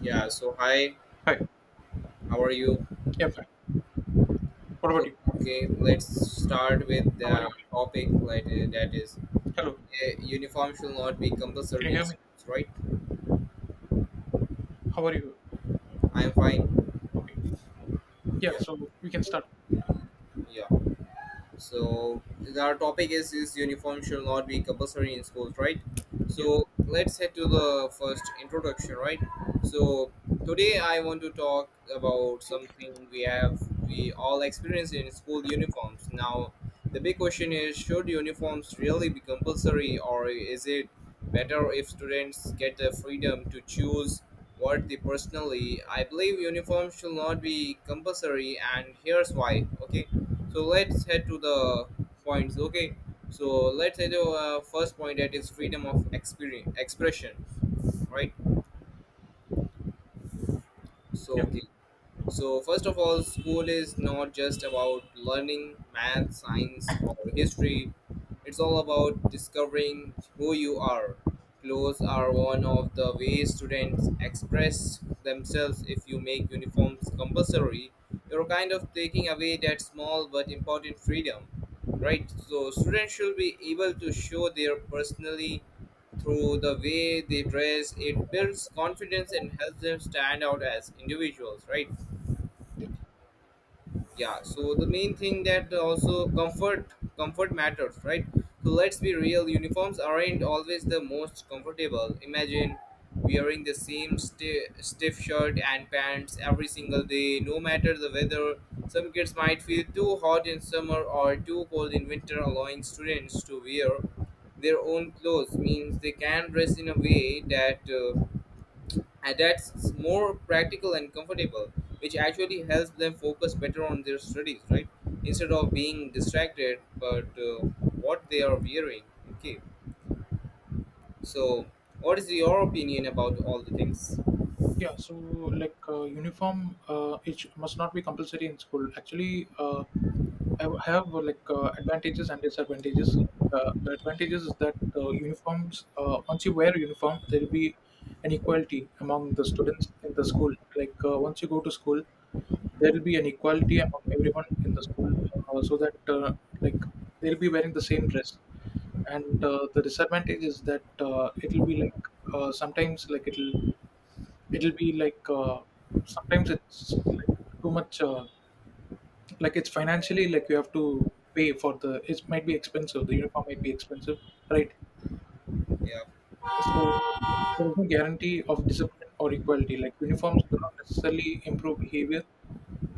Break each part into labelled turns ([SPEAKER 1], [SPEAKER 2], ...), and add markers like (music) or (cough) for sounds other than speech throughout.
[SPEAKER 1] Yeah, so hi,
[SPEAKER 2] Hi.
[SPEAKER 1] how are you?
[SPEAKER 2] Yeah, fine. What about
[SPEAKER 1] So,
[SPEAKER 2] you?
[SPEAKER 1] okay, let's start with
[SPEAKER 2] How are
[SPEAKER 1] the
[SPEAKER 2] you?
[SPEAKER 1] topic that is
[SPEAKER 2] Hello.
[SPEAKER 1] uniform should not be
[SPEAKER 2] Can
[SPEAKER 1] compulsory
[SPEAKER 2] you
[SPEAKER 1] in
[SPEAKER 2] hear me?
[SPEAKER 1] schools, right?
[SPEAKER 2] How are you?
[SPEAKER 1] I'm fine.
[SPEAKER 2] Okay. Yeah,
[SPEAKER 1] Yeah,
[SPEAKER 2] so we can start. Okay.
[SPEAKER 1] yeah. So our topic is uniform should not be compulsory in schools, right?
[SPEAKER 2] Yeah.
[SPEAKER 1] So let's head to the first introduction, right? So today I want to talk about something we all experience in school uniforms. Now the big question is should uniforms really be compulsory or is it better if students get the freedom to choose what they personally I believe uniforms should not be compulsory and here's why. Okay, so let's head to the points. Okay. So let's say the first point that is freedom of expression, right? So
[SPEAKER 2] Yeah.
[SPEAKER 1] okay. So, first of all, school is not just about learning math, science, or history. It's all about discovering who you are. Clothes are one of the ways students express themselves. If you make uniforms compulsory, you're kind of taking away that small but important freedom, right? So, students should be able to show their personality through the way they dress. It builds confidence and helps them stand out as individuals, right? Yeah, so the main thing that also comfort matters, right? So let's be real, uniforms aren't always the most comfortable. Imagine wearing the same stiff shirt and pants every single day, no matter the weather. Some kids might feel too hot in summer or too cold in winter. Allowing students to wear their own clothes means they can dress in a way that and that's more practical and comfortable, which actually helps them focus better on their studies, right? Instead of being distracted but what they are wearing. Okay, so what is your opinion about all the things?
[SPEAKER 2] Yeah, so uniform, must not be compulsory in school. Actually, I have advantages and disadvantages. The advantages is that uniforms, once you wear a uniform, there will be an equality among the students in the school. Once you go to school, there will be an equality among everyone in the school, so that like they'll be wearing the same dress. And the disadvantage is that it'll be like sometimes like it'll be like sometimes it's like too much like it's financially, like you have to pay for the, it might be expensive, the uniform might be expensive, right?
[SPEAKER 1] Yeah.
[SPEAKER 2] So there's no guarantee of discipline or equality. Like uniforms do not necessarily improve behavior,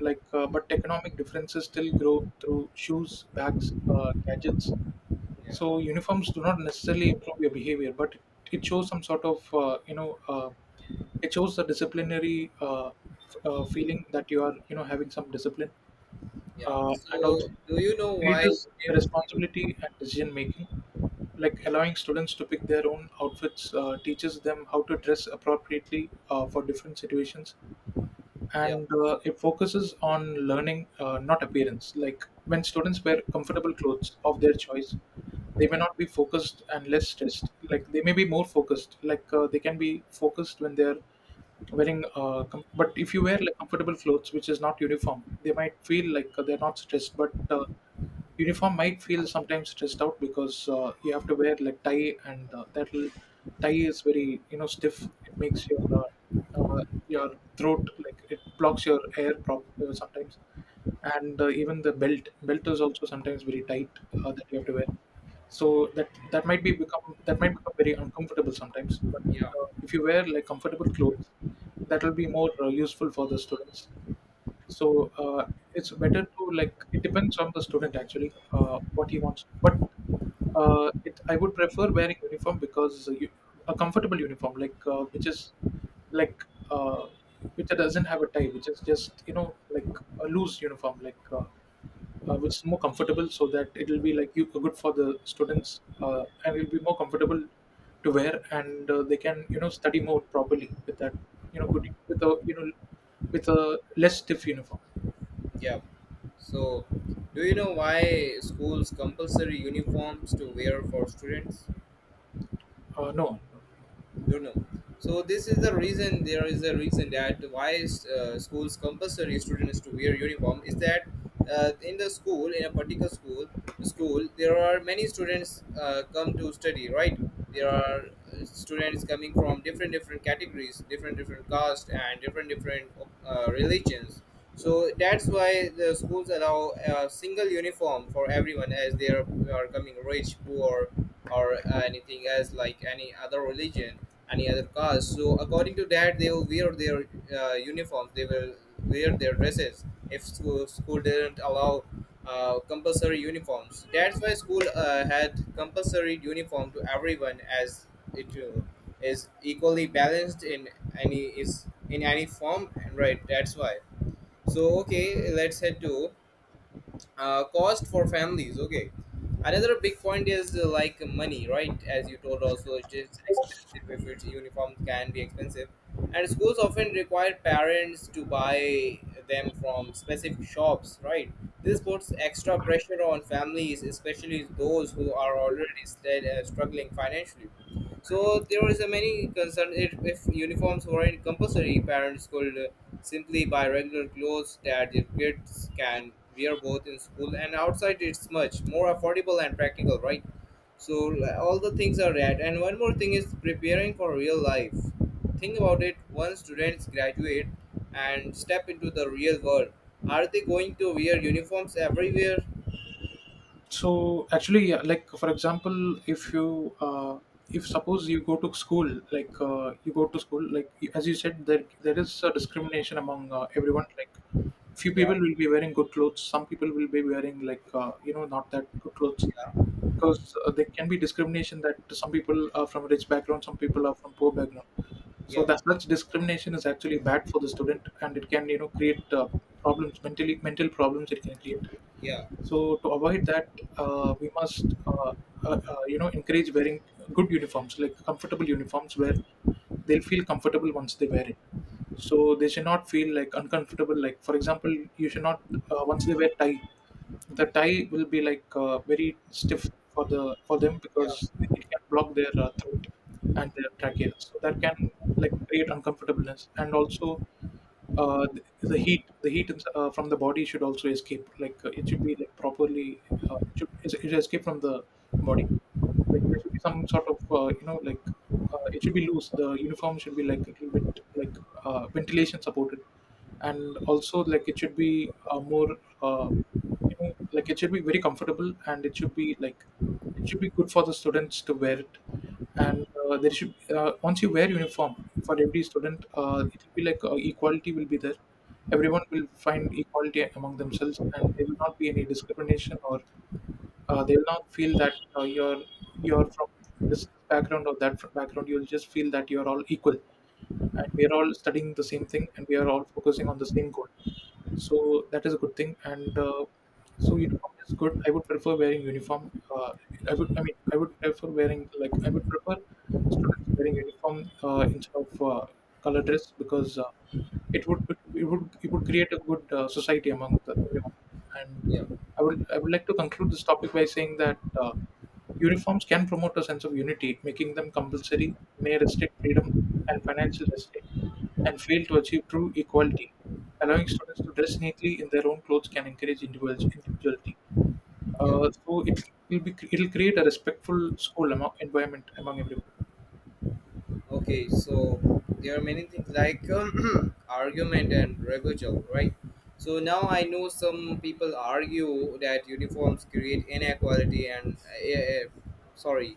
[SPEAKER 2] but economic differences still grow through shoes, bags, gadgets.
[SPEAKER 1] Yeah.
[SPEAKER 2] So uniforms do not necessarily improve your behavior, it shows some sort of it shows the disciplinary feeling that you are, you know, having some discipline,
[SPEAKER 1] Yeah,
[SPEAKER 2] and
[SPEAKER 1] so
[SPEAKER 2] also
[SPEAKER 1] do you know why
[SPEAKER 2] encourages
[SPEAKER 1] they-
[SPEAKER 2] responsibility and decision making. Like
[SPEAKER 1] yeah.
[SPEAKER 2] allowing students to pick their own outfits teaches them how to dress appropriately for different situations,
[SPEAKER 1] Yeah,
[SPEAKER 2] and
[SPEAKER 1] so,
[SPEAKER 2] it focuses on learning, not appearance. Like when students wear comfortable clothes of their choice, they may not be focused and less stressed. Like they may be more focused. They can be focused when they're wearing. But if you wear like comfortable clothes, which is not uniform, they might feel like they're not stressed. But uniform might feel sometimes stressed out because you have to wear like tie, and tie is very, you know, stiff. It makes uh,
[SPEAKER 1] yeah.
[SPEAKER 2] your throat, like it blocks your air, sometimes. And even the belt is also sometimes very tight that you have to wear. So that might become very uncomfortable sometimes. But
[SPEAKER 1] Yeah.
[SPEAKER 2] if you wear like comfortable clothes, that will be more useful for the students. So it's better to, like, it depends on the student actually, what he wants. But it I would prefer wearing uniform because a comfortable uniform, which is like uh, which doesn't have a tie, which is just, you know, like a loose uniform like. Which is more comfortable, so that it will be like you good for the students, and it will be more comfortable to wear. And they can, you know, study more properly with that, you know, good with a, you know, with a less stiff uniform.
[SPEAKER 1] Yeah, so do you know why schools compulsory uniforms to wear for students?
[SPEAKER 2] No.
[SPEAKER 1] Don't know. So this is the reason, there is a reason that why schools compulsory students to wear uniform is that in the school, in a particular school, there are many students come to study, right? There are students coming from different different categories, different different caste, and different different religions. So that's why the schools allow a single uniform for everyone, as they are coming rich, poor, or anything else, like any other religion, any other caste. So according to that, they will wear their uniforms. They will wear their dresses. If school didn't allow compulsory uniforms, that's why school had compulsory uniform to everyone, as it is equally balanced in any, is in any form. And right, that's why. So okay, let's head to cost for families. Okay, another big point is like money, right? As you told, also it is expensive. If it's uniforms can be expensive, and schools often require parents to buy them from specific shops, right? This puts extra pressure on families, especially those who are already struggling financially. So there is a many concern, if uniforms weren't compulsory, parents could simply by regular clothes that the kids can wear both in school and outside. It's much more affordable and practical, right? So all the things are that. And one more thing is preparing for real life. Think about it. Once students graduate and step into the real world, are they going to wear uniforms everywhere?
[SPEAKER 2] So actually, yeah, like for example, if suppose you go to school, you go to school, as you said, there is a discrimination among everyone. Like few
[SPEAKER 1] Yeah,
[SPEAKER 2] people will be wearing good clothes, some people will be wearing like you know, not that good clothes,
[SPEAKER 1] yeah,
[SPEAKER 2] because there can be discrimination that some people are from rich background, some people are from poor background. So
[SPEAKER 1] yeah,
[SPEAKER 2] that such discrimination is actually bad for the student, and it can, you know, create problems mentally mental problems, it can create.
[SPEAKER 1] yeah,
[SPEAKER 2] So to avoid that, we must, uh, uh, you know, encourage wearing good uniforms, like comfortable uniforms, where they'll feel comfortable once they wear it, so they should not feel like uncomfortable. Like for example, you should not, once they wear tie, the tie will be like very stiff for them,
[SPEAKER 1] yeah,
[SPEAKER 2] because it can block their throat and their trachea, so that can like create uncomfortableness. And also uh, the, the heat from the body should also escape, like it should be like properly, it should escape from the body. Like there should be some sort of you know, like it should be loose, the uniform should be like a little bit like ventilation supported. And also like it should be more uh, you know, like it should be very comfortable, and it should be like it should be good for the students to wear it. And there should once you wear uniform for every student, it will be like equality will be there. Everyone will find equality among themselves, and there will not be any discrimination or they will not feel that you're from this background or that background. You'll just feel that you're all equal, and we're all studying the same thing, and we are all focusing on the same goal. So that is a good thing. And so uniform is good. I would prefer wearing uniform. Uh, i would i mean i would prefer wearing like, I would prefer students wearing uniform instead of color dress, because it would it would create a good society among the, everyone. And
[SPEAKER 1] yeah,
[SPEAKER 2] I would, I would like to conclude this topic by saying that uh, uniforms can promote a sense of unity. Making them compulsory may restrict freedom and financial restraint, and fail to achieve true equality. Allowing students to dress neatly in their own clothes can encourage individuality.
[SPEAKER 1] yeah.
[SPEAKER 2] So it will be, it'll create a respectful school among, environment among everyone.
[SPEAKER 1] Okay, so there are many things like (clears throat) argument and rebuttal, right? So now I know some people argue that uniforms create inequality and sorry,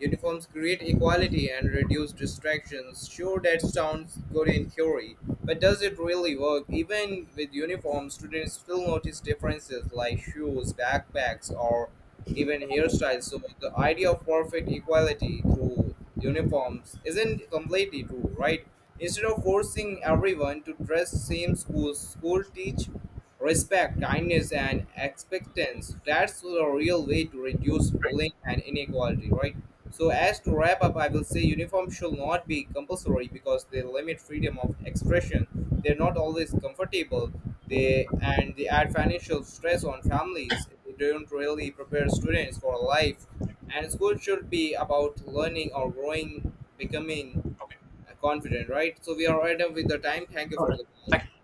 [SPEAKER 1] uniforms create equality and reduce distractions. Sure, that sounds good in theory, but does it really work? Even with uniforms, students still notice differences like shoes, backpacks, or even hairstyles. So the idea of perfect equality through uniforms isn't completely true, right? Instead of forcing everyone to dress same schools, school teach respect, kindness, and expectance. That's the real way to reduce
[SPEAKER 2] Right.
[SPEAKER 1] bullying and inequality, right? So as to wrap up, I will say uniforms should not be compulsory because they limit freedom of expression. They're not always comfortable, they and they add financial stress on families. They don't really prepare students for life. And school should be about learning or growing, becoming
[SPEAKER 2] Okay.
[SPEAKER 1] confident, right? So we are right up with the time. Thank you
[SPEAKER 2] All
[SPEAKER 1] for
[SPEAKER 2] right.
[SPEAKER 1] the
[SPEAKER 2] Thank
[SPEAKER 1] call.
[SPEAKER 2] you.